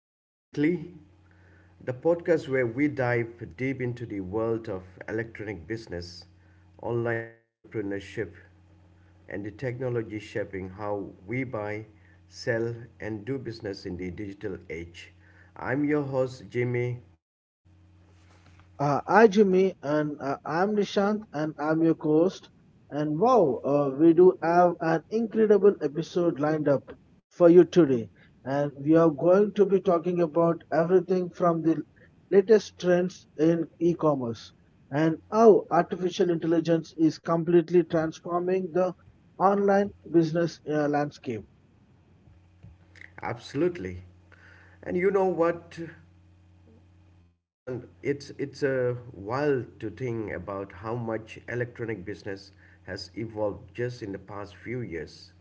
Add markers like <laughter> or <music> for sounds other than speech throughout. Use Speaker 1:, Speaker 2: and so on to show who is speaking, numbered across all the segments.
Speaker 1: Weekly, the podcast where we dive deep into the world of electronic business, online entrepreneurship, and the technology shaping how we buy, sell, and do business in the digital age. I'm your host, Jimmy.
Speaker 2: Hi Jimmy, and I'm Nishant, and I'm your host. And wow, we do have an incredible episode lined up for you today. And we are going to be talking about everything from the latest trends in e commerce and how artificial intelligence is completely transforming the online business landscape.
Speaker 1: Absolutely. And you know what? Nishant, it's a wild to think about how much electronic business has evolved just in the past few years.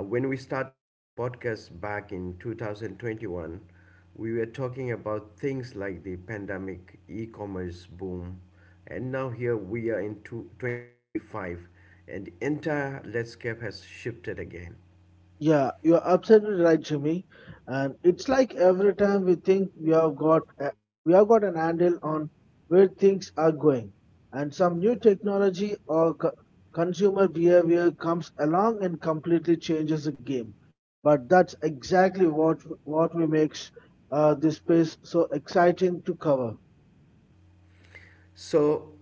Speaker 1: When we started this podcast back in 2021, we were talking about things like the pandemic, e-commerce boom, and now here we are in two 2025, and the entire landscape has shifted again.
Speaker 2: Yeah, you're absolutely right, Jimmy. And it's like every time we think we have got a, we have got an handle on where things are going, and some new technology or consumer behavior comes along and completely changes the game. But that's exactly what we makes this space so exciting to cover.
Speaker 1: So,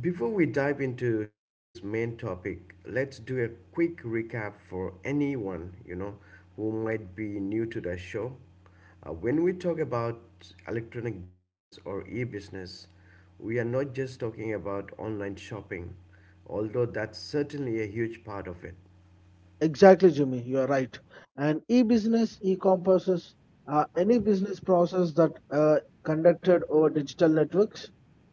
Speaker 1: before we dive into today's main topic, let's do a quick recap for anyone, who might be new to the show. When we talk about electronic business or e-business, we are not just talking about online shopping, although that's certainly a huge part of it.
Speaker 2: Exactly, Jimmy. You are right. And e-business encompasses any business process that conducted over digital networks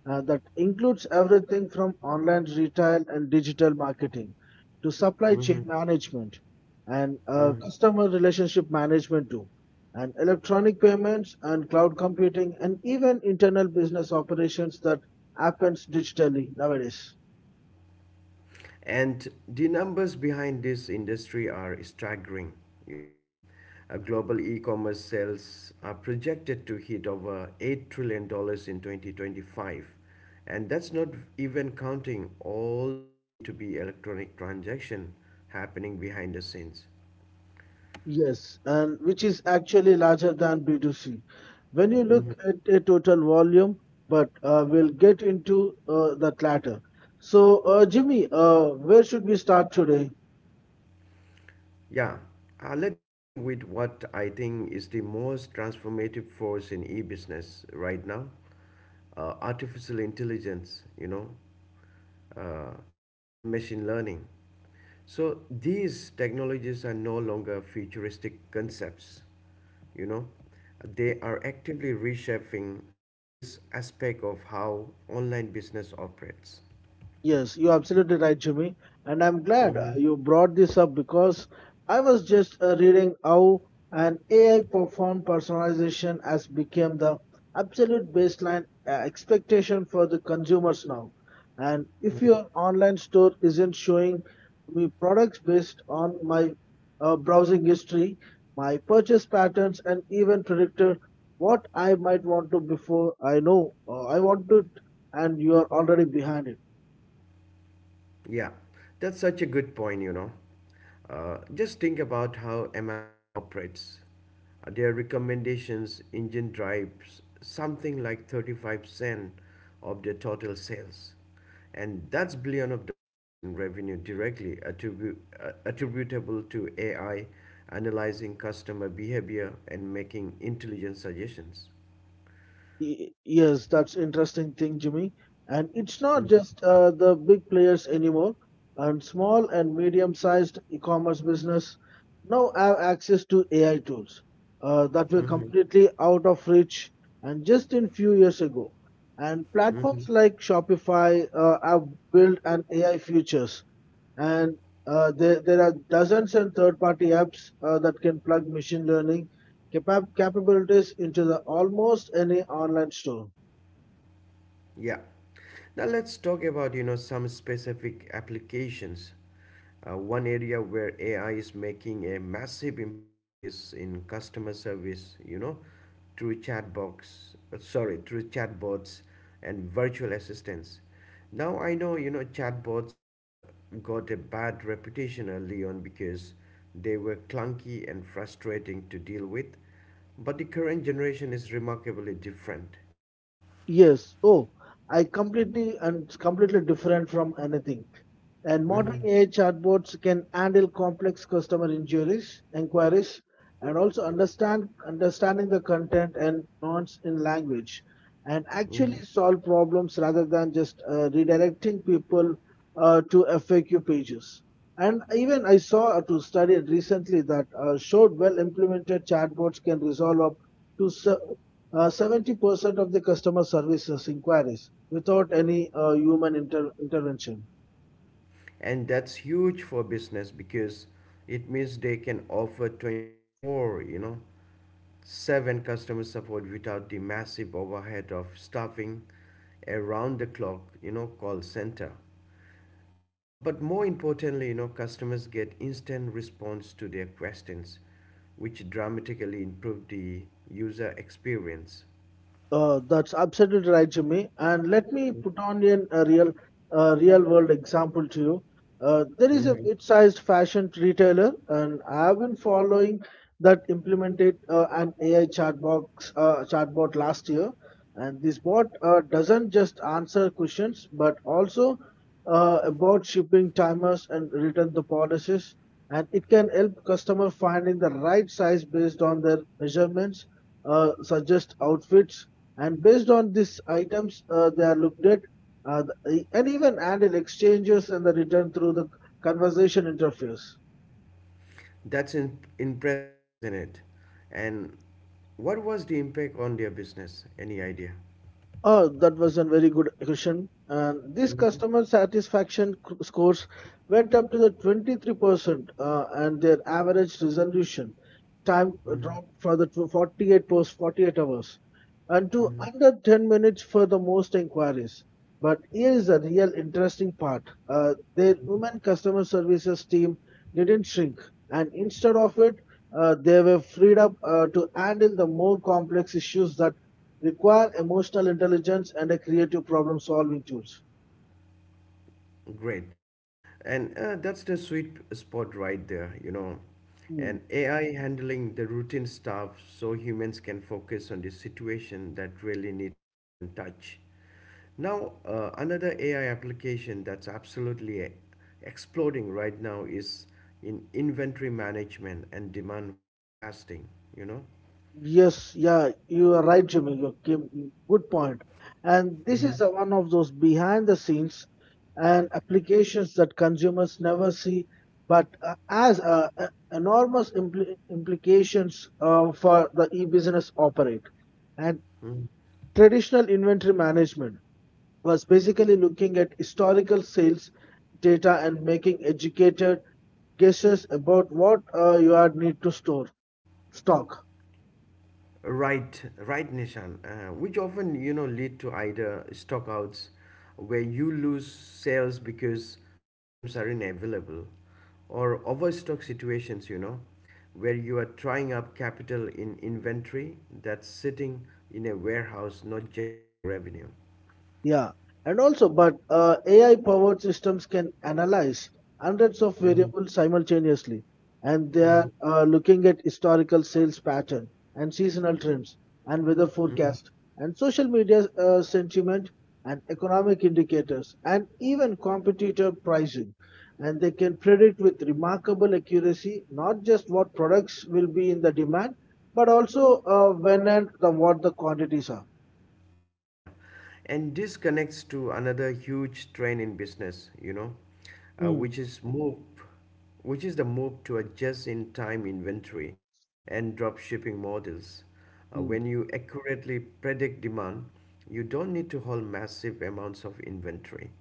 Speaker 2: that includes everything from online retail and digital marketing to supply chain
Speaker 1: Mhm.
Speaker 2: management and
Speaker 1: Mhm.
Speaker 2: customer relationship management too, and electronic payments and cloud computing and even internal business operations that happens digitally nowadays.
Speaker 1: And the numbers behind this industry are staggering, you know. Global e-commerce sales are projected to hit over 8 trillion dollars in 2025. And that's not even counting all the B2B electronic transaction happening behind the scenes.
Speaker 2: Yes, and which is actually larger than B2C. When you
Speaker 1: Mm-hmm.
Speaker 2: look at a total volume, but we'll get into that latter. So, Jimmy, where should we start today?
Speaker 1: Yeah, let's begin with what I think is the most transformative force in e business right now, artificial intelligence, uh, and machine learning. So these technologies are no longer futuristic concepts, you know, they are actively reshaping every aspect of how online business operates.
Speaker 2: Yes, you're absolutely right, Jimmy. And I'm glad you brought this up because I was just reading how an AI performed personalization has become the absolute baseline expectation for the consumers now. And if your online store isn't showing me products based on my browsing history, my purchase patterns, and even predicted what I might want to before I know I want it, and you are already behind it.
Speaker 1: Yeah, that's such a good point, Just think about how Amazon operates. Their recommendations engine drives something like 35% of their total sales. And that's billion of dollars in revenue directly attributable to AI analyzing customer behavior and making intelligent suggestions.
Speaker 2: Yes, that's interesting thing, Jimmy. And it's not
Speaker 1: Mhm.
Speaker 2: just the big players anymore. And small and medium-sized e-commerce business now have access to AI tools that were
Speaker 1: Mhm.
Speaker 2: completely out of reach and just in few years ago. And platforms
Speaker 1: Mhm.
Speaker 2: like Shopify have built an AI features and there are dozens and third-party apps that can plug machine learning capabilities into the almost any online store.
Speaker 1: Yeah. Now let's talk about some specific applications. One area where AI is making a massive impact is in customer service. Through chatbots and virtual assistants. Now I know chatbots got a bad reputation early on because they were clunky and frustrating to deal with, but the current generation is remarkably different.
Speaker 2: Yes. Oh, I completely and it's completely different from anything. And modern
Speaker 1: Mm-hmm.
Speaker 2: AI chatbots can handle complex customer inquiries, and also understanding the content and nuance in language, and
Speaker 1: Mm-hmm.
Speaker 2: actually solve problems rather than just redirecting people to FAQ pages. And even I saw to study recently that showed well implemented chatbots can resolve up to 70% of the customer service inquiries without any human intervention.
Speaker 1: And that's huge for business because it means they can offer 24, 7 customer support without the massive overhead of staffing around the clock, call center. Now, but more importantly, customers get instant response to their questions, which dramatically improve the user experience.
Speaker 2: That's absolutely right, Jimmy. And let me put on in a real world example to you. There is a
Speaker 1: Hmm.
Speaker 2: mid-sized fashion retailer, and I have been following that implemented an AI chatbot last year. And this bot doesn't just answer questions, but also about shipping timers and return the policies. And it can help customer finding the right size based on their measurements, suggest outfits and based on these items they are looked at and even added exchanges and the return through the conversation interface.
Speaker 1: That's impressive, isn't it? And what was the impact on their business? Any idea?
Speaker 2: Oh, that was a very good question. And these
Speaker 1: Mhm.
Speaker 2: customer satisfaction scores went up to the 23%, and their average resolution time
Speaker 1: Mhm.
Speaker 2: dropped for the 48 post 48 hours and to
Speaker 1: Mhm.
Speaker 2: under 10 minutes for the most inquiries. But here is the real interesting part. Their women customer services team didn't shrink, and instead of it, they were freed up to handle the more complex issues that require emotional intelligence and a creative problem solving tools.
Speaker 1: Great. And that's the sweet spot right there,
Speaker 2: Hmm.
Speaker 1: And AI handling the routine stuff so humans can focus on the situation that really need a human touch. Now, another AI application that's absolutely exploding right now is in inventory management and demand forecasting, you know.
Speaker 2: Yes, yeah, you are right, Jimmy. You came, good point. And this is a, one of those behind the scenes and applications that consumers never see, but has enormous implications for the e-business operate and
Speaker 1: Mhm.
Speaker 2: traditional inventory management. Was basically looking at historical sales data and making educated guesses about what you are need to store stock.
Speaker 1: Right, right, Nishan. Which often lead to either stockouts, where you lose sales because items are unavailable, or overstock situations. You know, where you are trying up capital in inventory that's sitting in a warehouse not generating revenue.
Speaker 2: Yeah, and also, but AI powered systems can analyze hundreds of
Speaker 1: Hmm.
Speaker 2: variables simultaneously, and they are looking at historical sales pattern and seasonal trends and weather
Speaker 1: Hmm.
Speaker 2: forecast and social media sentiment and economic indicators and even competitor pricing. And they can predict with remarkable accuracy not just what products will be in the demand, but also when and the, what the quantities are.
Speaker 1: Yeah, and this connects to another huge trend in business, uh,
Speaker 2: Mm,
Speaker 1: which is move, which is the move to adjust in time inventory and drop shipping models.
Speaker 2: mm,
Speaker 1: When you accurately predict demand, you don't need to hold massive amounts of inventory.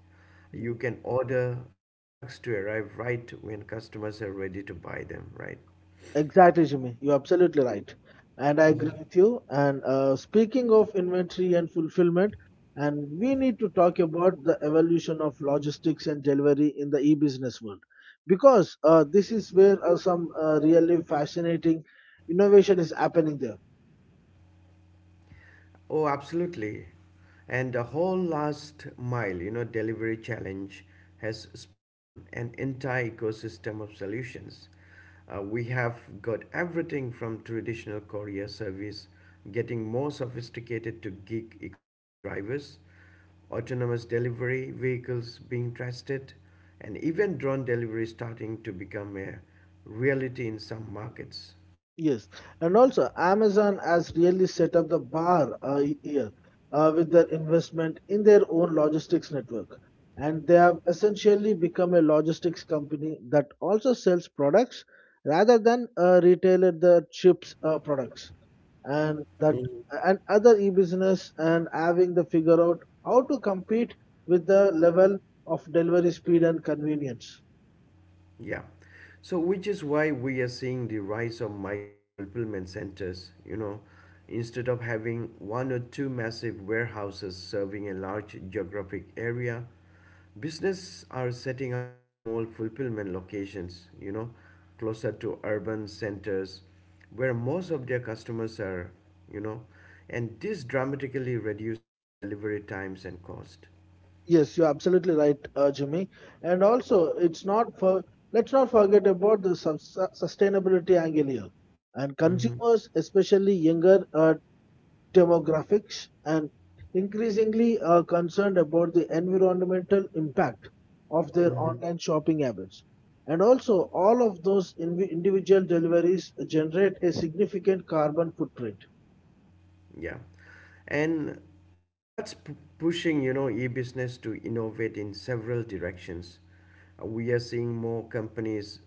Speaker 1: You
Speaker 2: mm.
Speaker 1: can order products to arrive right when customers are ready to buy them, right?
Speaker 2: Exactly, Jimmy. You're absolutely right. And I agree with you. And speaking of inventory and fulfillment, and we need to talk about the evolution of logistics and delivery in the e-business world, because this is where some really fascinating innovation is happening there.
Speaker 1: Oh, absolutely. And the whole last mile, delivery challenge has spawned an entire ecosystem of solutions. We have got everything from traditional courier service getting more sophisticated to gig economy drivers, autonomous delivery vehicles being tested, and even drone delivery starting to become a reality in some markets.
Speaker 2: Yes, and also Amazon has really set up the bar here with their investment in their own logistics network. And they have essentially become a logistics company that also sells products rather than retailer the chips products and that and other e-business and having to figure out how to compete with the level of delivery speed and convenience.
Speaker 1: Yeah. So, which is why we are seeing the rise of micro fulfillment centers, instead of having one or two massive warehouses serving a large geographic area, business are setting up small fulfillment locations, closer to urban centers where most of their customers are, you know, and this dramatically reduces delivery times and cost.
Speaker 2: Yes, you're absolutely right, Jimmy. And also, it's not for let's not forget about the sustainability angle here. And
Speaker 1: Mm-hmm.
Speaker 2: consumers, especially younger demographics, and increasingly are concerned about the environmental impact of their
Speaker 1: Mm-hmm.
Speaker 2: online shopping habits. And also, all of those invi individual deliveries generate a significant carbon footprint.
Speaker 1: Yeah. And that's pushing, e-business to innovate in several directions. We are seeing more companies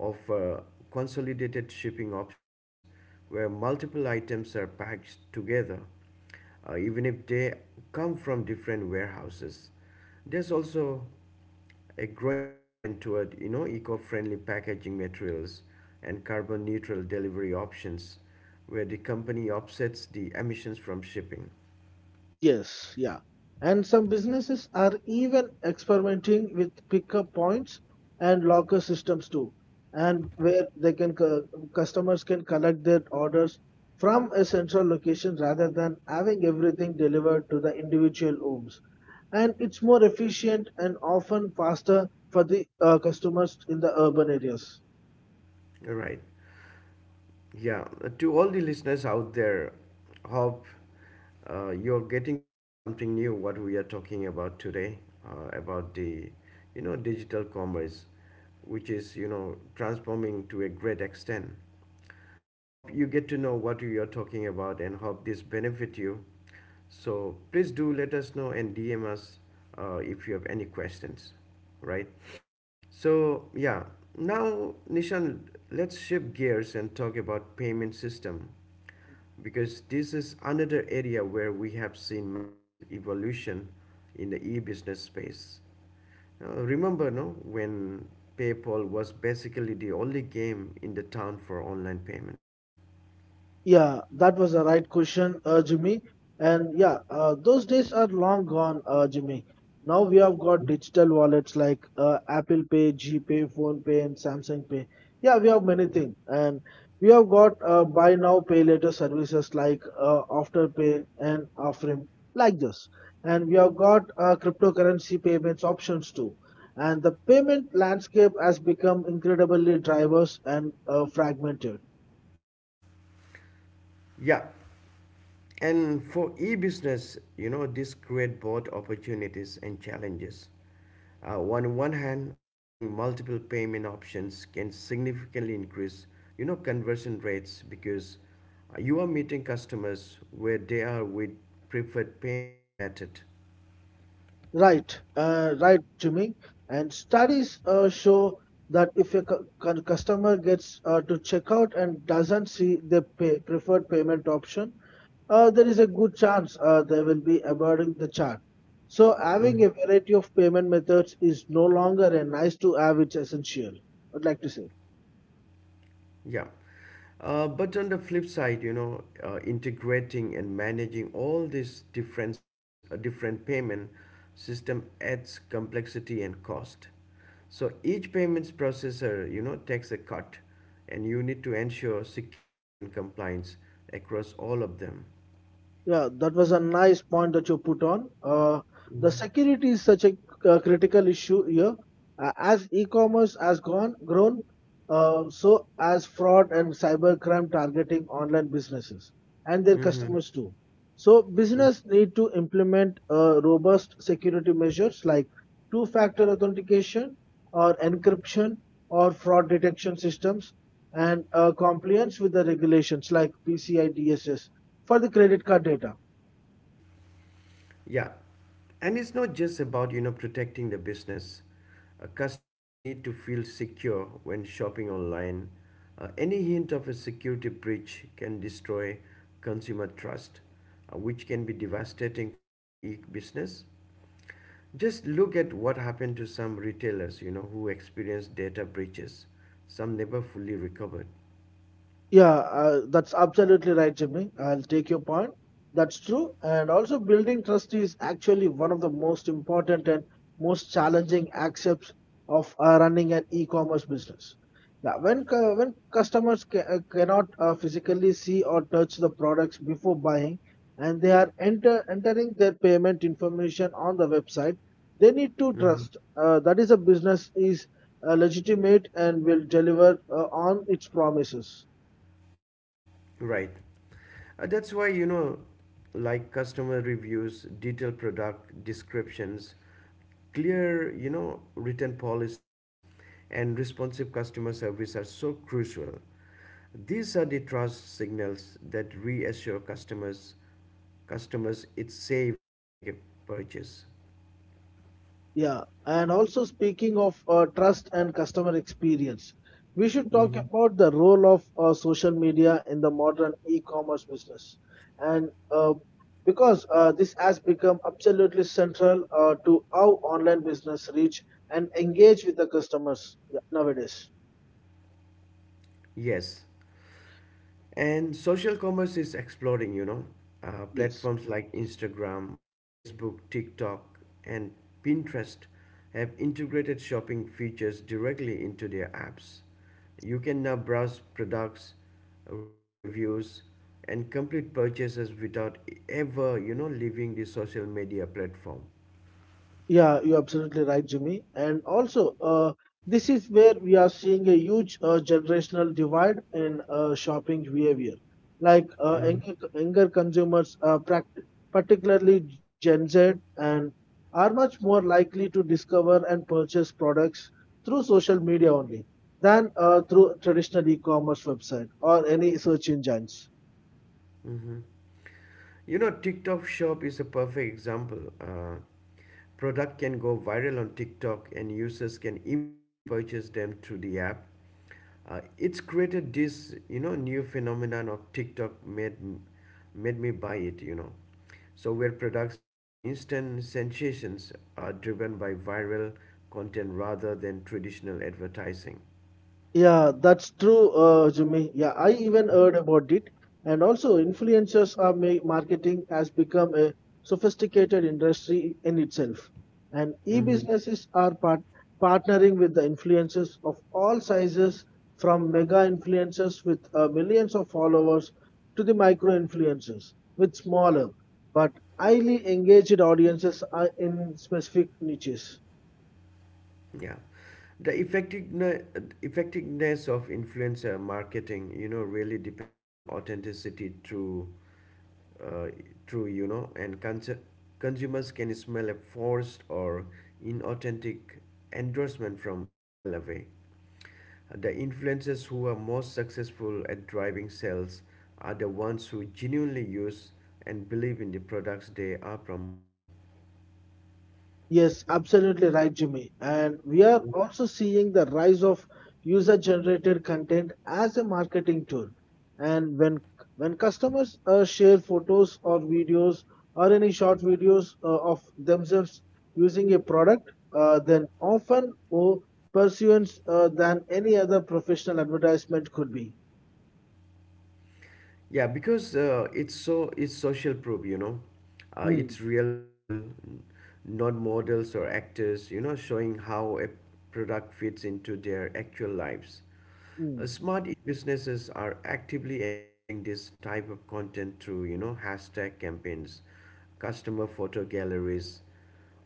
Speaker 1: offer consolidated shipping options where multiple items are packed together, even if they come from different warehouses. There's also a growing trend toward eco-friendly packaging materials and carbon neutral delivery options where the company offsets the emissions from shipping.
Speaker 2: Yes, yeah. And some businesses are even experimenting with pickup points and locker systems too, and where they can customers can collect their orders from a central location rather than having everything delivered to the individual homes. And it's more efficient and often faster for the customers in the urban areas.
Speaker 1: All right. Yeah, to all the listeners out there, hope you're getting to know something new what we are talking about today, about the, digital commerce, which is transforming to a great extent. Hope you get to know what we are talking about and hope this benefit you. So please do let us know and DM us if you have any questions, right? So yeah, now Nishan, let's shift gears and talk about payment system because this is another area where we have seen massive evolution in the e-business space. Remember, no, when PayPal was basically the only game in the town for online payments.
Speaker 2: Yeah, that was the right question, Jimmy. And yeah, those days are long gone, Jimmy. Now we have got
Speaker 1: Mm-hmm.
Speaker 2: digital wallets like Apple Pay, GPay, Phone Pay, and Samsung Pay. Yeah, we have many things, and we have got buy now, pay later services like Afterpay and Afrim, like this. And we have got cryptocurrency payments options too. And the payment landscape has become incredibly diverse and fragmented.
Speaker 1: Yeah, and for e-business, this create both opportunities and challenges. On one hand, offering multiple payment options can significantly increase, conversion rates because you are meeting customers where they are with preferred payment method.
Speaker 2: Right, Jimmy. And studies show that if a customer gets to checkout and doesn't see the preferred payment option, there is a good chance they will be avoiding the charge. So, having a
Speaker 1: Mhm.
Speaker 2: variety of payment methods is no longer a nice to have, it's essential. I'd like to say.
Speaker 1: Yeah. But on the flip side, integrating and managing all these differences, a different payment system adds complexity and cost. So each payments processor, takes a cut, and you need to ensure security and compliance across all of them.
Speaker 2: Yeah, that was a nice point that you put on. The
Speaker 1: Mm-hmm.
Speaker 2: security is such a critical issue here. As e-commerce has gone grown, so as fraud and cybercrime targeting online businesses and their
Speaker 1: Mm-hmm.
Speaker 2: customers too. So business need to implement robust security measures like two-factor authentication or encryption or fraud detection systems and compliance with the regulations like PCI DSS for the credit card data.
Speaker 1: Yeah, and it's not just about protecting the business. Customers need to feel secure when shopping online. Any hint of a security breach can destroy consumer trust, which can be devastating for an e-business. Just look at what happened to some retailers, who experienced data breaches. Some never fully recovered.
Speaker 2: Yeah, that's absolutely right, Jimmy. I'll take your point. That's true. And also, building trust is actually one of the most important and most challenging aspects of running an e-commerce business. Yeah, when when customers cannot physically see or touch the products before buying, and they are entering their payment information on the website, they need to
Speaker 1: Hmm.
Speaker 2: trust that is a business is legitimate and will deliver on its promises.
Speaker 1: Right. That's why, like customer reviews, detailed product descriptions, clear written policies and responsive customer service are so crucial. These are the trust signals that reassure customers it's safe to make a purchase.
Speaker 2: Yeah, and also speaking of trust and customer experience, we should talk
Speaker 1: Hmm.
Speaker 2: about the role of social media in the modern e-commerce business, and uh, because this has become absolutely central to how online business reach and engage with the customers yeah, nowadays.
Speaker 1: Yes, and social commerce is exploding,
Speaker 2: Yes.
Speaker 1: platforms like Instagram, Facebook, TikTok and Pinterest have integrated shopping features directly into their apps. You can now browse products, read reviews, and complete purchases without ever, leaving the social media platform.
Speaker 2: Yeah, you're absolutely right, Jimmy. And also, this is where we are seeing a huge generational divide in shopping behavior. Like younger consumers, particularly Gen Z, and are much more likely to discover and purchase products through social media only than through traditional e-commerce website or any search engines.
Speaker 1: Mm-hmm. You know, TikTok Shop is a perfect example. Product can go viral on TikTok, and users can immediately purchase them through the app. It's created this, new phenomenon of TikTok made me buy it, So where products become instant sensations are driven by viral content rather than traditional advertising.
Speaker 2: Yeah, that's true, Jimmy. Yeah, I even heard about it. And also, influencers are marketing has become a sophisticated industry in itself. And
Speaker 1: Hmm.
Speaker 2: e-businesses are partnering with the influencers of all sizes, from mega influencers with millions of followers to the micro influencers with smaller but highly engaged audiences are in specific niches.
Speaker 1: Yeah, the effectiveness of influencer marketing, really depends on authenticity through uh, true, consumers can smell a forced or inauthentic endorsement from a mile away. The influencers who are most successful at driving sales are the ones who genuinely use and believe in the products they are promoting.
Speaker 2: Yes, absolutely right, Jimmy. And we are also seeing the rise of user-generated content as a marketing tool. And when customers share photos or videos or any short videos of themselves using a product, then often more pursuance than any other professional advertisement could be.
Speaker 1: Yeah, because it's social proof, it's
Speaker 2: Hmm.
Speaker 1: real people, not models or actors, showing how a product fits into their actual lives. Smart businesses are actively encouraging this type of content through, hashtag campaigns, customer photo galleries,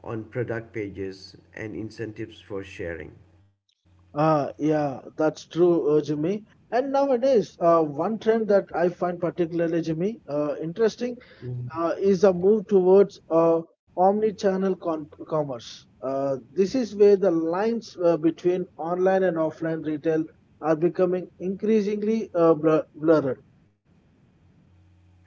Speaker 1: on product pages, and incentives for sharing.
Speaker 2: Ah, yeah, that's true, Jimmy. And nowadays, one trend that I find particularly, Jimmy, interesting is a move towards omni-channel con commerce. This is where the lines between online and offline retail are becoming increasingly blurred.
Speaker 1: Yeah.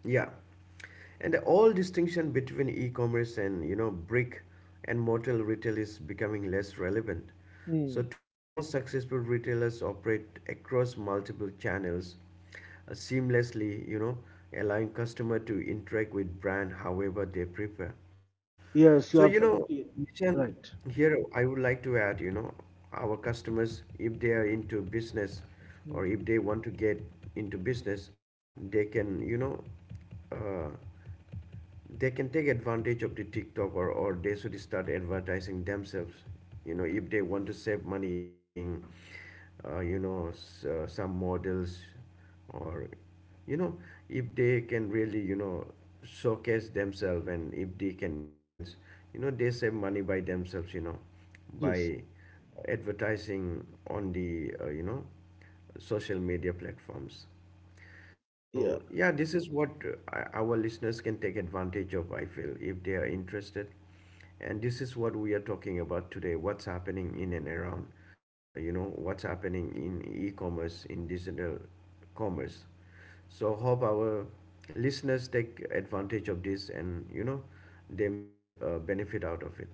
Speaker 1: And the all distinction between e-commerce and brick and mortar retail is becoming less relevant. So
Speaker 2: Hmm.
Speaker 1: today's most successful retailers operate across multiple channels seamlessly, allowing customer to interact with brand however they prefer.
Speaker 2: Yes,
Speaker 1: So,
Speaker 2: you're absolutely
Speaker 1: Michelle,
Speaker 2: right.
Speaker 1: here I would like to add, our customers, if they are into business
Speaker 2: Hmm.
Speaker 1: or if they want to get into business, they can, uh, they can take advantage of the TikTok, or they should start advertising themselves. You know, if they want to save money, you know, paying, you know, s- some models or, you know if they can really showcase themselves and if they can influence, they save money by themselves,
Speaker 2: Yes,
Speaker 1: by advertising on the, social media platforms.
Speaker 2: yeah.
Speaker 1: So yeah, this is what our listeners can take advantage of, I feel, if they are interested. And this is what we are talking about today, what's happening in and around, what's happening in e-commerce, in digital commerce. So hope our listeners take advantage of this and, they make benefit out of it.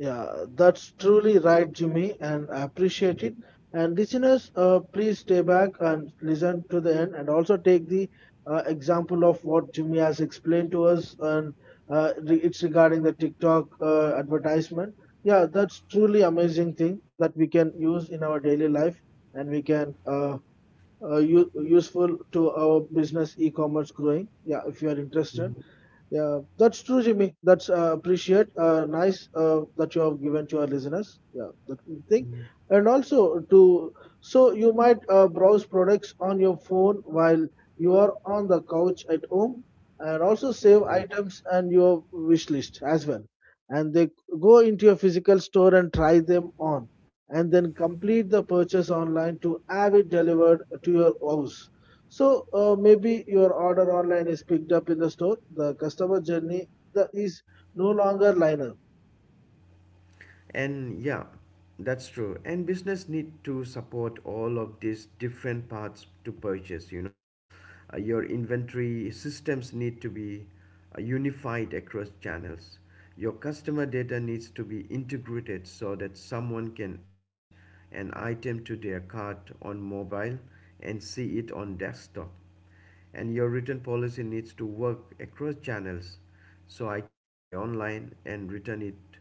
Speaker 2: Yeah, that's truly right, Jimmy, and I appreciate it. And listeners, please stay back and listen to the end, and also take the example of what Jimmy has explained to us, and it's regarding the TikTok advertisement. Yeah, that's truly amazing thing that we can use in our daily life, and we can useful to our business e-commerce growing. Yeah, if you are interested. Yeah, that's true, Jimmy. That's appreciate. Nice that you have given to our listeners. Yeah, that good thing. And also to so you might browse products on your phone while you are on the couch at home, and also save items and your wish list as well. And they go into your physical store and try them on, and then complete the purchase online to have it delivered to your house. So maybe your order online is picked up in the store. The customer journey is no longer linear.
Speaker 1: And Yeah, that's true, and business need to support all of these different parts to purchase. Your inventory systems need to be unified across channels. Your customer data needs to be integrated so that someone can add an item to their cart on mobile and see it on desktop, and your return policy needs to work across channels, so I can buy online and return it,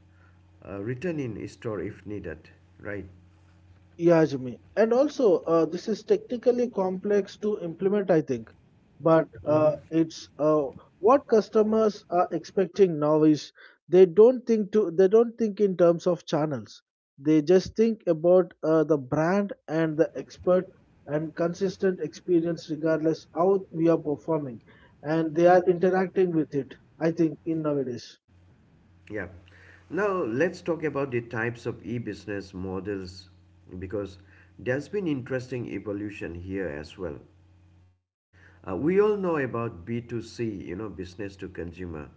Speaker 1: return in store if needed, right.
Speaker 2: Yeah, Jimmy. And also, this is technically complex to implement, I think. But
Speaker 1: Hmm.
Speaker 2: it's what customers are expecting now is they don't think in terms of channels. They just think about the brand and the expert and consistent experience regardless how we are performing, and they are interacting with it. I think in nowadays.
Speaker 1: Yeah. Now let's talk about the types of e-business models, because there's been interesting evolution here as well. We all know about b2c, business to consumer,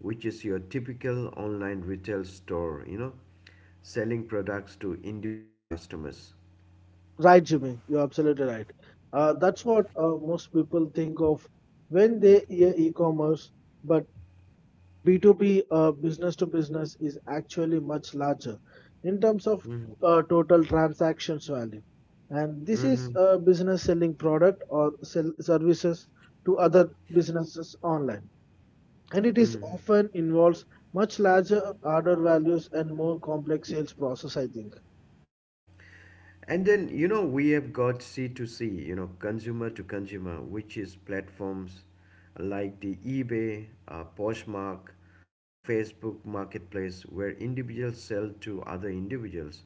Speaker 1: which is your typical online retail store, selling products to individual customers.
Speaker 2: Right, Jimmy, you're absolutely right. That's what most people think of when they hear e-commerce, but B2B, business to business, is actually much larger in terms of
Speaker 1: Hmm.
Speaker 2: total transactions value. And this is
Speaker 1: Hmm.
Speaker 2: a business selling product or sell services to other businesses online. And it is often involves much larger order values and more complex sales process, I think.
Speaker 1: And then, we have got c to c, you know, consumer to consumer, which is platforms like the eBay, Poshmark, or Facebook Marketplace, where individuals sell to other individuals.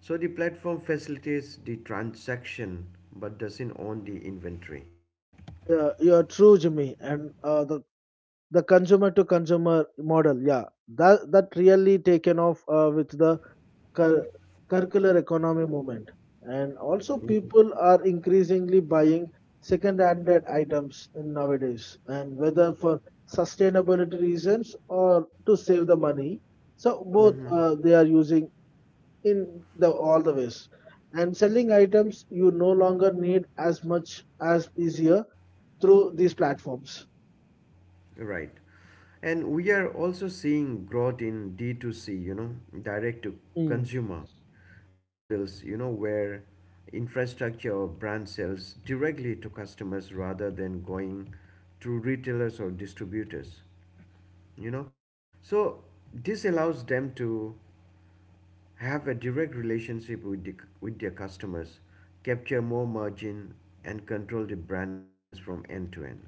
Speaker 1: So the platform facilitates the transaction but doesn't own the inventory.
Speaker 2: Yeah, you're true, Jimmy. And the consumer to consumer model, yeah, that really taken off with the cir- circular economy movement, and also people are increasingly buying second handed items in nowadays, and whether for sustainability reasons or to save the money, so both
Speaker 1: Mhm.
Speaker 2: they are using in the all the ways and selling items you no longer need as much as easier through these platforms.
Speaker 1: Right. And we are also seeing growth in D2C, you know, direct to consumer models, you know, where infrastructure or brand sells directly to customers rather than going through retailers or distributors, you know. So this allows them to have a direct relationship with, the, with their customers, capture more margin, and control the brand experience from end to end.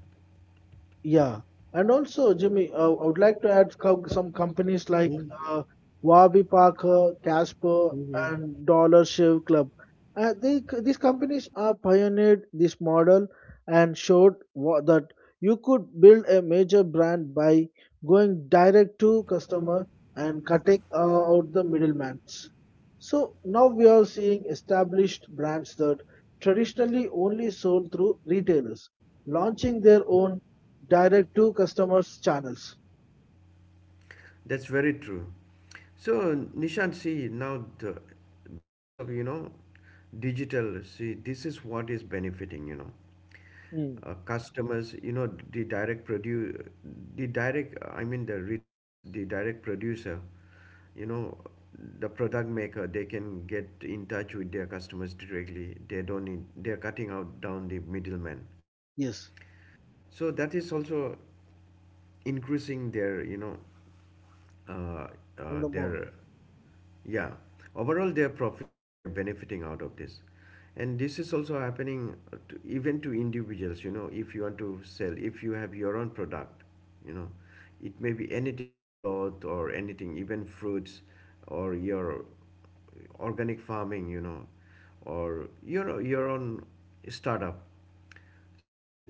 Speaker 2: Yeah, and also Jimmy, I would like to add some companies like
Speaker 1: Mhm,
Speaker 2: uh, Warby Parker, Casper,
Speaker 1: mhm.
Speaker 2: and Dollar Shave Club. These companies are pioneered this model and showed that you could build a major brand by going direct to customer and cutting out the middlemen. So now we are seeing established brands that traditionally only sold through retailers launching their own direct to customers channels.
Speaker 1: That's very true. So Nishant, see now the, because of you know digital, see this is what is benefiting,
Speaker 2: Mm.
Speaker 1: customers. You know the direct produce, the direct I mean the retailers, the direct producer. You know, the product maker, they can get in touch with their customers directly. They don't need they're cutting out down the middleman. You know,
Speaker 2: Yes,
Speaker 1: so that is also increasing their, uh,
Speaker 2: in the model.
Speaker 1: their Yeah, overall they are profiting, they are benefiting out of this. And this is also happening to, even to individuals, you know, if you want to sell, if you have your own product, you know, it may be anything, cloth or anything, even fruits or your organic farming, you know, or your own startup. So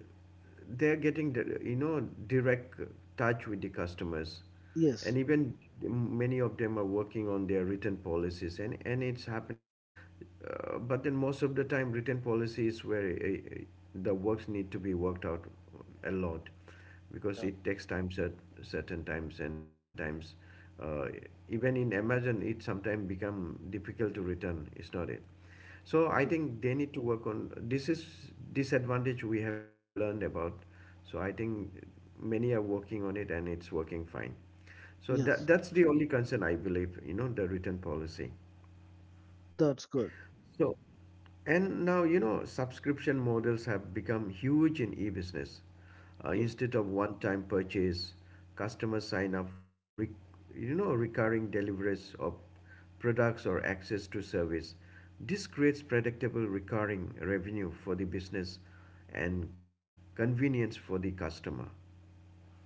Speaker 1: they're getting the- you know direct touch with the customers,
Speaker 2: Yes,
Speaker 1: and even many of them are working on their written policies, and it's happening. But then most of the time, written policy is where uh, uh, the works need to be worked out a lot, because
Speaker 2: um,
Speaker 1: it takes time certain times and certain times. Uh, Even in Amazon, it sometimes become difficult to return. It's not it. So I
Speaker 2: yes,
Speaker 1: think they need to work on this is disadvantage we have learned about. So I think many are working on it and it's working fine. So that
Speaker 2: yes,
Speaker 1: that's the only concern I believe, you know, the written policy.
Speaker 2: that's good.
Speaker 1: And now, you know, subscription models have become huge in e-business.
Speaker 2: Yeah.
Speaker 1: Instead of one-time purchase, customers sign up for, you know, recurring deliveries of products or access to service. This creates predictable recurring revenue for the business and convenience for the customer.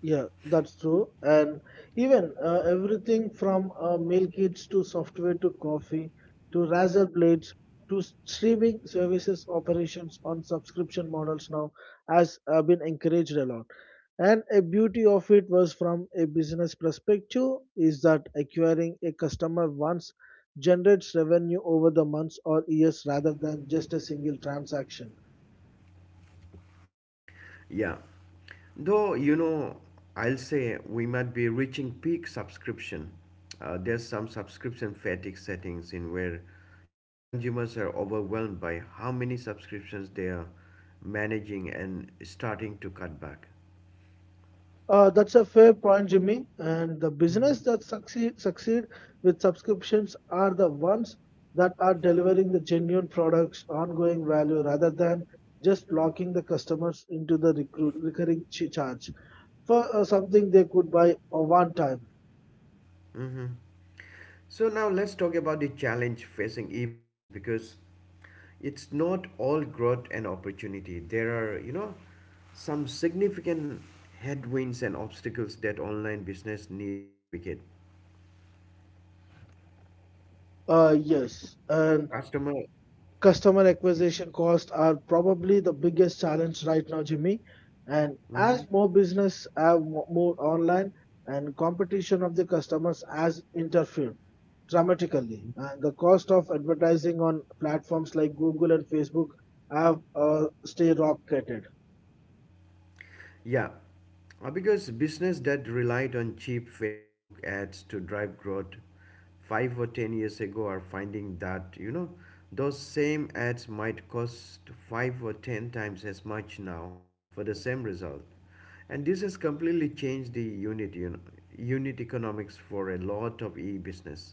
Speaker 2: Yeah, that's true. And even everything from meal kits to software to coffee to razor blades to streaming services operations on subscription models now has been encouraged a lot. And a beauty of it was from a business perspective is that acquiring a customer once generates revenue over the months or years rather than just a single transaction.
Speaker 1: Yeah. Though, you know, I'll say we might be reaching peak subscription. There's some subscription fatigue settings in where, you know, consumers are overwhelmed by how many subscriptions they are managing and starting to cut back.
Speaker 2: That's a fair point, Jimmy. And the
Speaker 1: Mhm,
Speaker 2: business that succeed with subscriptions are the ones that are delivering the genuine products, ongoing value, rather than just locking the customers into the recurring charge for something they could buy one time.
Speaker 1: mhm. So now let's talk about the challenge facing e-business, because it's not all growth and opportunity. There are, you know, some significant headwinds and obstacles that online business need to navigate.
Speaker 2: Yes,
Speaker 1: So
Speaker 2: and
Speaker 1: customer
Speaker 2: Customer acquisition costs are probably the biggest challenge right now, Jimmy. And
Speaker 1: Mhm.
Speaker 2: as more business have moved online and competition of the customers has interfered dramatically, and the cost of advertising on platforms like Google and Facebook have stay rocketed.
Speaker 1: Yeah. Because business that relied on cheap facebook ads to drive growth 5 or 10 years ago are finding that you know those same ads might cost five or ten times as much now for the same result, and this has completely changed the unit economics for a lot of e-business.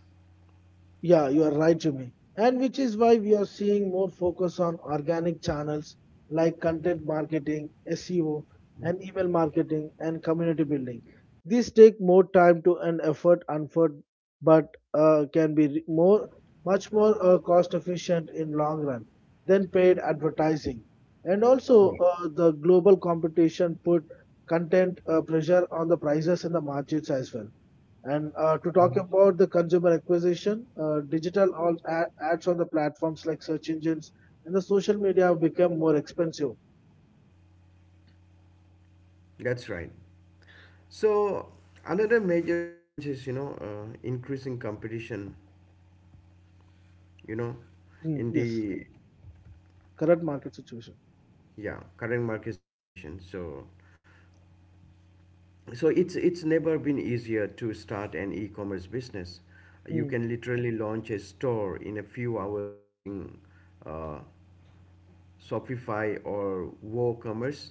Speaker 2: Yeah, you are right, Jimmy. And which is why we are seeing more focus on organic channels like content marketing, SEO, and email marketing and community building. These take more time to and effort, unford, but more, much more cost efficient in long run than paid advertising. And also,
Speaker 1: Yeah.
Speaker 2: the global competition put content pressure on the prices and the margins as well. And to talk
Speaker 1: Mhm.
Speaker 2: about the consumer acquisition, uh, digital ads on the platforms like search engines and the social media have become more expensive.
Speaker 1: That's right. So another major challenge is you know increasing competition. You know,
Speaker 2: Mm,
Speaker 1: in
Speaker 2: yes,
Speaker 1: the
Speaker 2: current market situation.
Speaker 1: yeah current market situation. So it's never been easier to start an e-commerce business. You can literally launch a store in a few hours using uh, Shopify or WooCommerce.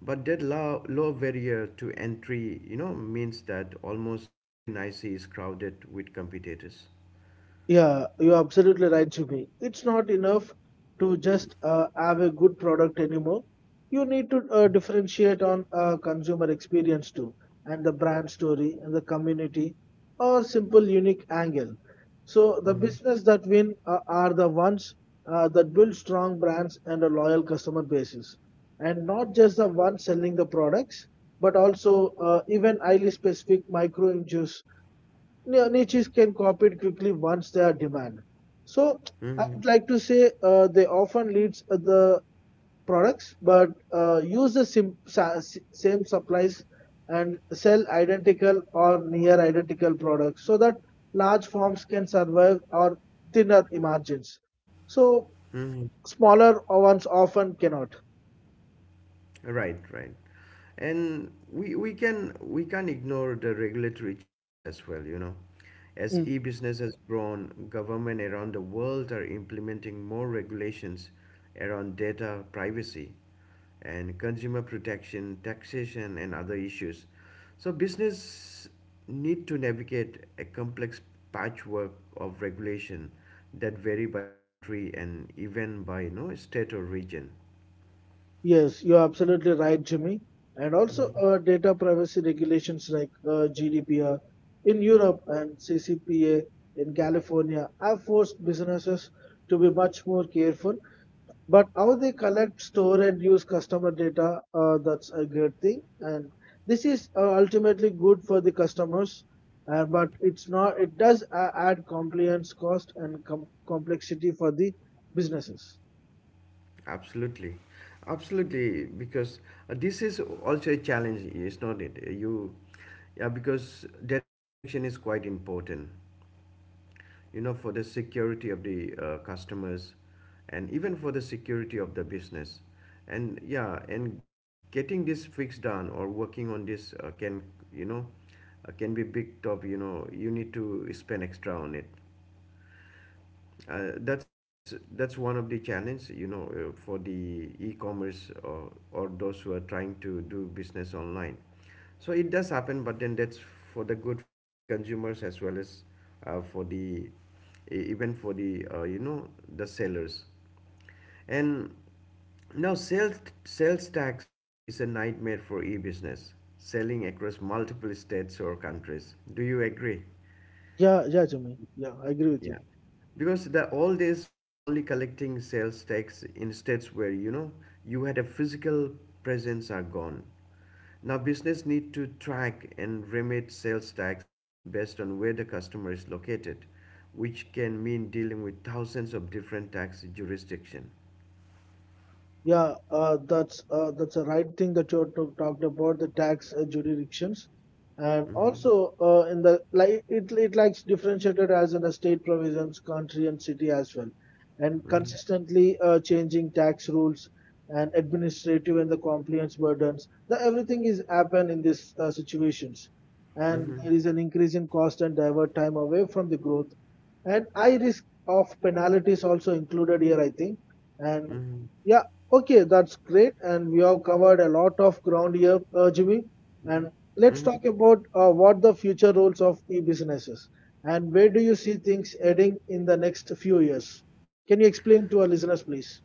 Speaker 1: But that low barrier to entry, you know, means that almost every niche is crowded with competitors.
Speaker 2: Yeah, you're absolutely right, Jimmy. It's not enough to just have a good product anymore. You need to
Speaker 1: Mhm.
Speaker 2: differentiate on consumer experience too, and the brand story, and the community, or simple unique angle. So the
Speaker 1: Mhm.
Speaker 2: business that win are the ones that build strong brands and a loyal customer bases, and not just the ones selling the products, but also even highly specific micro niches niches can copy it quickly once they are demand. So I
Speaker 1: Mhm.
Speaker 2: would like to say they often leads the products, but uh, use the same supplies and sell identical or near identical products so that large firms can survive or thinner margins. So
Speaker 1: Mhm.
Speaker 2: smaller ones often cannot.
Speaker 1: Right, right. And we can't ignore the regulatory challenge as well, you know. As e-business has grown, government around the world are implementing more regulations around data privacy and consumer protection, taxation and other issues. So business need to navigate a complex patchwork of regulation that vary by country and even by you know, state or region.
Speaker 2: Yes, you're absolutely right, Jimmy. And also,
Speaker 1: Mhm.
Speaker 2: data privacy regulations like GDPR in Europe and CCPA in California have forced businesses to be much more careful. But how they collect, store, and use customer data, that's a great thing. And this is ultimately good for the customers, but it's not. It does add compliance cost and complexity for the businesses.
Speaker 1: Absolutely, absolutely. Because this is also a challenge, is not it? Yeah, because data protection is quite important. You know, for the security of the customers, and even for the security of the business, and yeah, and getting this fixed done or working on this can you know can be big top. You know, you need to spend extra on it. That's one of the challenge you know for the e-commerce or those who are trying to do business online, so it does happen, but then that's for the good for the consumers as well as for the e- even for the you know the sellers and now sales tax is a nightmare for e-business selling across multiple states or countries, do you agree?
Speaker 2: Yeah, yeah, Jimmy. Yeah, I agree with
Speaker 1: Yeah,
Speaker 2: you.
Speaker 1: because the old days of only collecting sales tax in states where you know you had a physical presence are gone. Now business need to track and remit sales tax based on where the customer is located, which can mean dealing with thousands of different tax jurisdiction.
Speaker 2: Yeah, that's the right thing that you talked about the tax jurisdictions, and
Speaker 1: Mm-hmm.
Speaker 2: also in the like it likes differentiated as in a state provisions, country and city as well, and
Speaker 1: Mm-hmm.
Speaker 2: consistently changing tax rules and administrative and the compliance burdens. The everything is happen in these situations, and
Speaker 1: Mm-hmm.
Speaker 2: there is an increase in cost and divert time away from the growth and high risk of penalties also included here, I think. And
Speaker 1: Mm-hmm.
Speaker 2: yeah, okay, that's great. And we have covered a lot of ground here, Jimmy. And let's
Speaker 1: Mm-hmm.
Speaker 2: talk about what the future roles of e-businesses and where do you see things heading in the next few years? Can you explain to our listeners, please?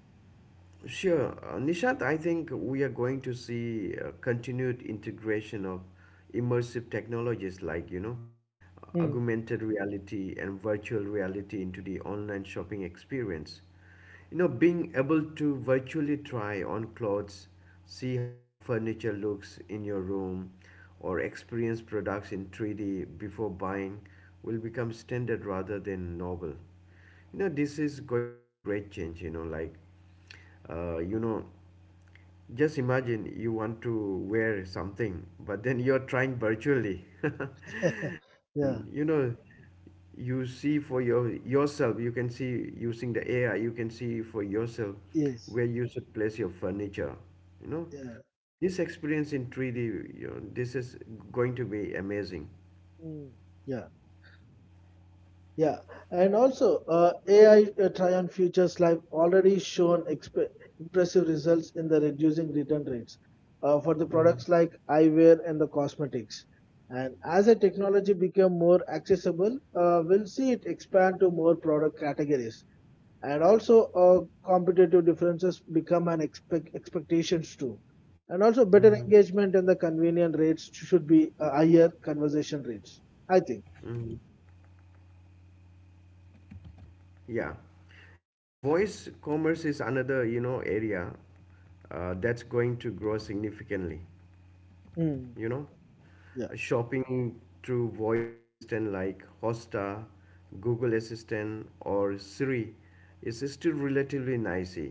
Speaker 1: Sure. Nishant, I think we are going to see continued integration of immersive technologies like, you know,
Speaker 2: Mm.
Speaker 1: augmented reality and virtual reality into the online shopping experience. You know, being able to virtually try on clothes, see how furniture looks in your room, or experience products in 3D before buying will become standard rather than novel. You know, this is going to be a great change, you know, like uh, you know just imagine you want to wear something, but then you're trying virtually. <laughs>
Speaker 2: <laughs> Yeah.
Speaker 1: And you know, you see for your yourself, you can see using the AI, you can see for yourself
Speaker 2: Yes.
Speaker 1: where you should place your furniture. You know,
Speaker 2: Yeah.
Speaker 1: this experience in 3D, you know, this is going to be amazing.
Speaker 2: Mm. Yeah. Yeah, and also AI Tryon Futures Live already shown impressive results in the reducing return rates for the
Speaker 1: Hmm.
Speaker 2: products like eyewear and the cosmetics. And as the technology become more accessible, we'll see it expand to more product categories. And also, competitive differences become an expectations too. And also, better
Speaker 1: Hmm.
Speaker 2: engagement and the convenient rates should be higher conversation rates. I think.
Speaker 1: Hmm. Yeah. And voice commerce is another, you know, area that's going to grow significantly.
Speaker 2: Hmm.
Speaker 1: You know,
Speaker 2: Yeah.
Speaker 1: shopping through voice assistant like hosta, google assistant or siri is still relatively noisy,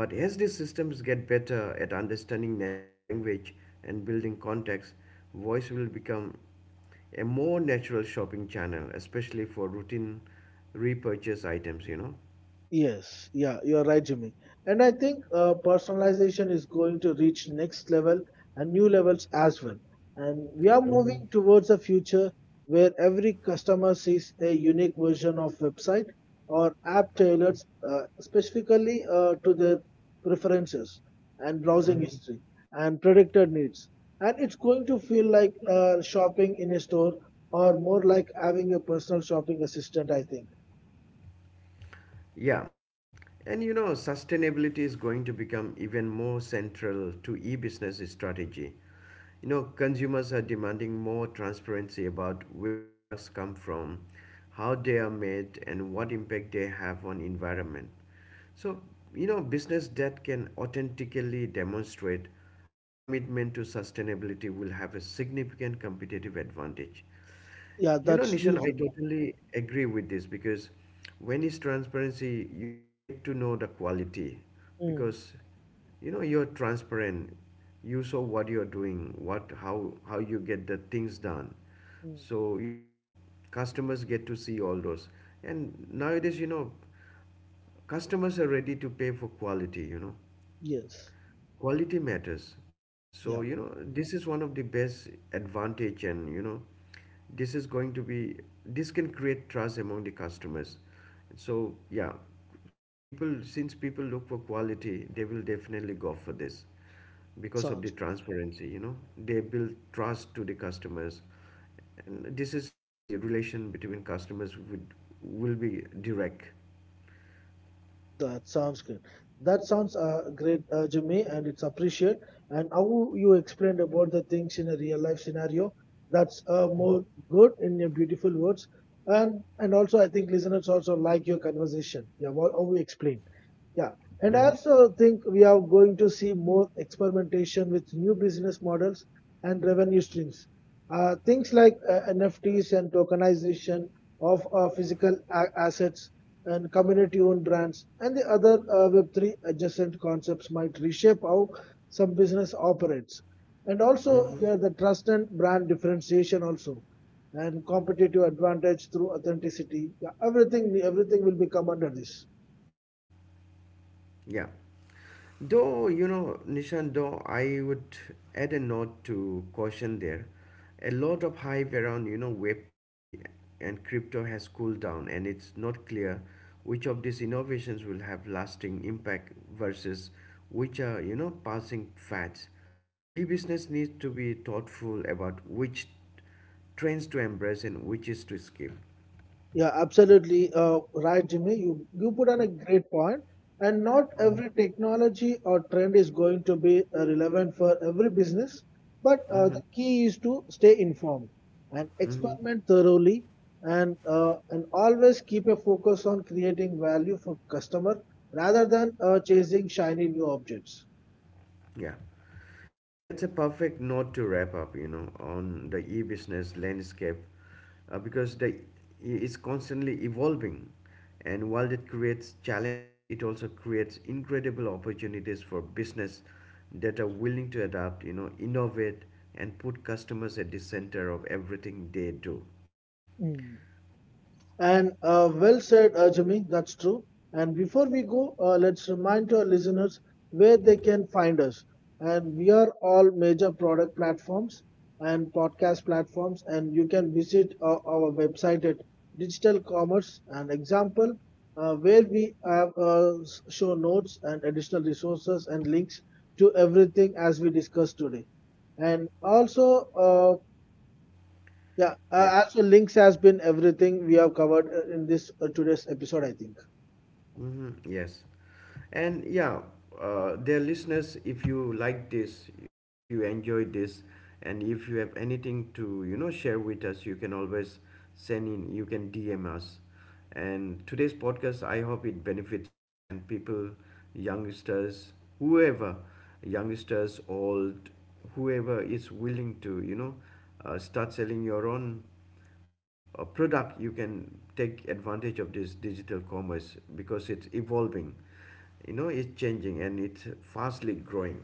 Speaker 1: but as these systems get better at understanding natural language and building context, voice will become a more natural shopping channel, especially for routine repurchase items
Speaker 2: Yes, yeah, you're right, Jimmy. And I think personalization is going to reach next level and new levels as well. And we are
Speaker 1: know
Speaker 2: moving towards a future where every customer sees a unique version of website or app tailored specifically to their preferences and browsing
Speaker 1: hmm.
Speaker 2: history and predicted needs. And it's going to feel like shopping in a store or more like having a personal shopping assistant, I think.
Speaker 1: Yeah. And you know, sustainability is going to become even more central to e-business strategy. You know, consumers are demanding more transparency about where products come from, how they are made, and what impact they have on environment. So, you know, business that can authentically demonstrate a commitment to sustainability will have a significant competitive advantage.
Speaker 2: Yeah,
Speaker 1: You know,
Speaker 2: that's true,
Speaker 1: Nishan, I
Speaker 2: Jimmy.
Speaker 1: totally agree with this because when it's transparency, you get to know the quality,
Speaker 2: Mm,
Speaker 1: because you know you're transparent. You saw what you're doing, what how you get the things done.
Speaker 2: mm,
Speaker 1: So you know, customers get to see all those. And nowadays, you know, customers are ready to pay for quality. You know,
Speaker 2: yes.
Speaker 1: quality matters, so
Speaker 2: Yeah.
Speaker 1: you know this is one of the best advantage, and you know this is going to be this can create trust among the customers. So yeah, so people since people look for quality they will definitely go for this because of
Speaker 2: Sounds
Speaker 1: the transparency, you know, they build trust to the customers, and this is how the relation between customers would will be direct.
Speaker 2: that sounds good. That sounds great, Jimmy, and it's appreciated. And how you explained about the things in a real life scenario, that's more good in your beautiful words. And also, I think listeners also like your conversation. Yeah, what, how we explain. Yeah, and I
Speaker 1: Hmm.
Speaker 2: also think we are going to see more experimentation with new business models and revenue streams. Things like NFTs and tokenization of uh, physical assets and community owned brands and the other Web3 adjacent concepts might reshape how some business operates. And also,
Speaker 1: Hmm.
Speaker 2: here, the trust and brand differentiation also and competitive advantage through authenticity. Yeah, everything will become under this.
Speaker 1: Yeah. Though, you know, Nishan, though I would add a note to caution there. A lot of hype around, you know, Web3 and crypto has cooled down, and it's not clear which of these innovations will have lasting impact versus which are, you know, passing fads. E business needs to be thoughtful about which trends to embrace and which is to skip.
Speaker 2: Yeah, absolutely right, Jimmy. You put on a great point. And not
Speaker 1: Mm-hmm.
Speaker 2: every technology or trend is going to be relevant for every business, but the
Speaker 1: Mm-hmm.
Speaker 2: key is to stay informed and
Speaker 1: Mm-hmm.
Speaker 2: experiment thoroughly, and always keep a focus on creating value for customer rather than chasing shiny new objects.
Speaker 1: Yeah. And that's a perfect note to wrap up, you know, on the e-business landscape, because the it's constantly evolving, and while it creates challenges, it also creates incredible opportunities for business that are willing to adapt, you know, innovate, and put customers at the center of everything they do.
Speaker 2: Mm. And well said, Jimmy. That's true. And before we go, let's remind our listeners where they can find us. And we are all major product platforms and podcast platforms. And you can visit our website at Digital Commerce, an example where we have show notes and additional resources and links to everything as we discussed today. And also, yeah,
Speaker 1: Yeah.
Speaker 2: as for links has been everything we have covered in this today's episode, I think.
Speaker 1: Mm-hmm. Yes. And yeah, dear listeners, if you like this, if you enjoyed this, and if you have anything to you know share with us, you can always send in. You can DM us. And today's podcast, I hope it benefits you and people, youngsters, whoever, youngsters, old, whoever is willing to you know start selling your own a product, you can take advantage of this digital commerce because it's evolving, you know, it's changing and it's fastly growing.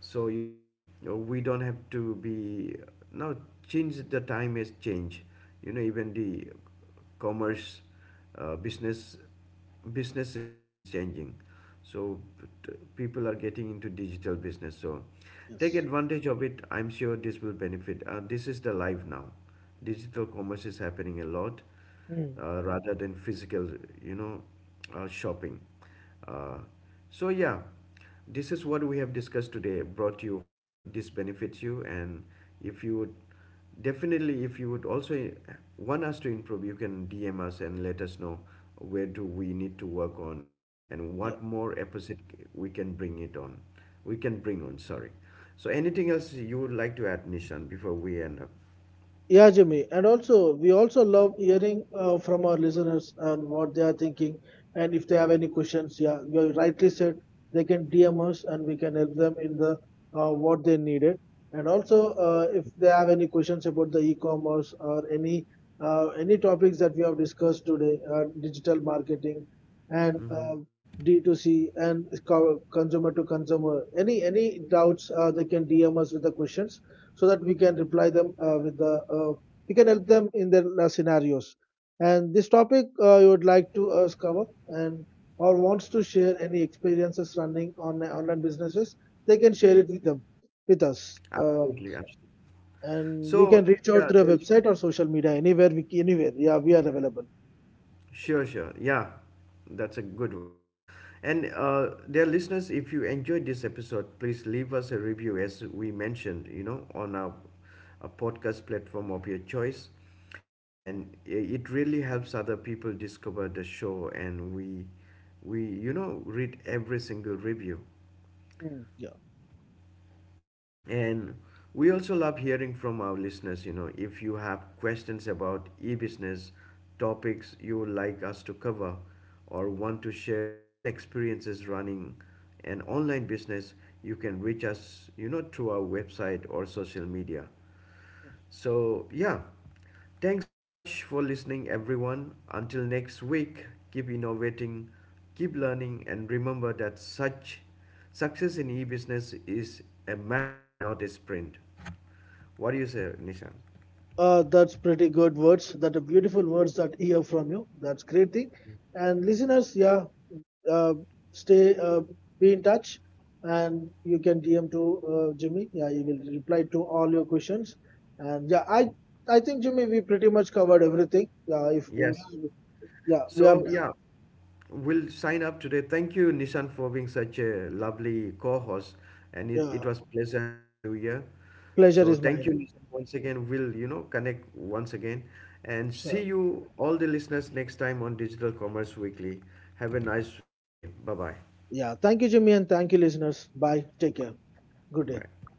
Speaker 1: So you know we don't have to be now change the time has changed, you know, even the commerce uh, business business system is changing. So people are getting into digital business. So take
Speaker 2: Yes.
Speaker 1: advantage of it, I'm sure this will benefit this is the life now, digital commerce is happening a lot
Speaker 2: Hmm.
Speaker 1: rather than physical, you know, shopping, uh, so yeah, this is what we have discussed today, brought you, hope this benefits you. And if you would definitely if you would also want us to improve, you can dm us and let us know where do we need to work on and
Speaker 2: Yeah.
Speaker 1: what more episode we can bring it on we can bring on, sorry. So anything else you would like to add nishan before we end up?
Speaker 2: Yeah, Jimmy. And also, we also love hearing from our listeners and what they are thinking. And if they have any questions, yeah, you rightly said, they can DM us and we can help them in the what they needed. And also, if they have any questions about the e-commerce or any topics that we have discussed today, digital marketing and D2C and consumer to consumer, any doubts, they can DM us with the questions so that we can reply them with the we can help them in their scenarios. And this topic you would like to cover and or wants to share any experiences running on online businesses, they can share it with them with us.
Speaker 1: Absolutely, absolutely.
Speaker 2: And you can
Speaker 1: So
Speaker 2: reach out
Speaker 1: yeah,
Speaker 2: through a
Speaker 1: dear
Speaker 2: website
Speaker 1: listeners,
Speaker 2: or social media anywhere we anywhere. Yeah, we are available.
Speaker 1: Sure, sure. Yeah, that's a good one. And dear listeners, if you enjoyed this episode, please leave us a review as we mentioned, you know, on our a podcast platform of your choice. And it really helps other people discover the show, and we you know read every single review.
Speaker 2: Mm. Yeah.
Speaker 1: And we also love hearing from our listeners. You know, if you have questions about e business, topics you would like us to cover, or want to share your own experiences running an online business, you can reach us, you know, through our website or social media. So, yeah, thanks so much for listening, everyone. Until next week, keep innovating, keep learning, and remember that such success in e business is a marathon, not a sprint. What do you say, Nishan?
Speaker 2: That's pretty good words. That are beautiful words that hear from you. That's great thing. And listeners, yeah, uh, stay, be in touch, and you can DM to Jimmy. Yeah, he will reply to all your questions. And yeah, I think Jimmy, we pretty much covered everything. Yeah, if
Speaker 1: Yes.
Speaker 2: yeah, we have
Speaker 1: So
Speaker 2: done.
Speaker 1: yeah, we'll sign up today. Thank you, Nishan, for being such a lovely co-host, and
Speaker 2: Yeah,
Speaker 1: it was pleasure having you here.
Speaker 2: pleasure
Speaker 1: So
Speaker 2: is
Speaker 1: thank you,
Speaker 2: mine.
Speaker 1: Nishan, once again. We'll you know connect once again, and see
Speaker 2: So
Speaker 1: you all the listeners next time on Digital Commerce Weekly. Have a nice day. Bye bye.
Speaker 2: yeah, thank you, Jimmy, and thank you, listeners. Bye. Take care. Good day.
Speaker 1: Bye.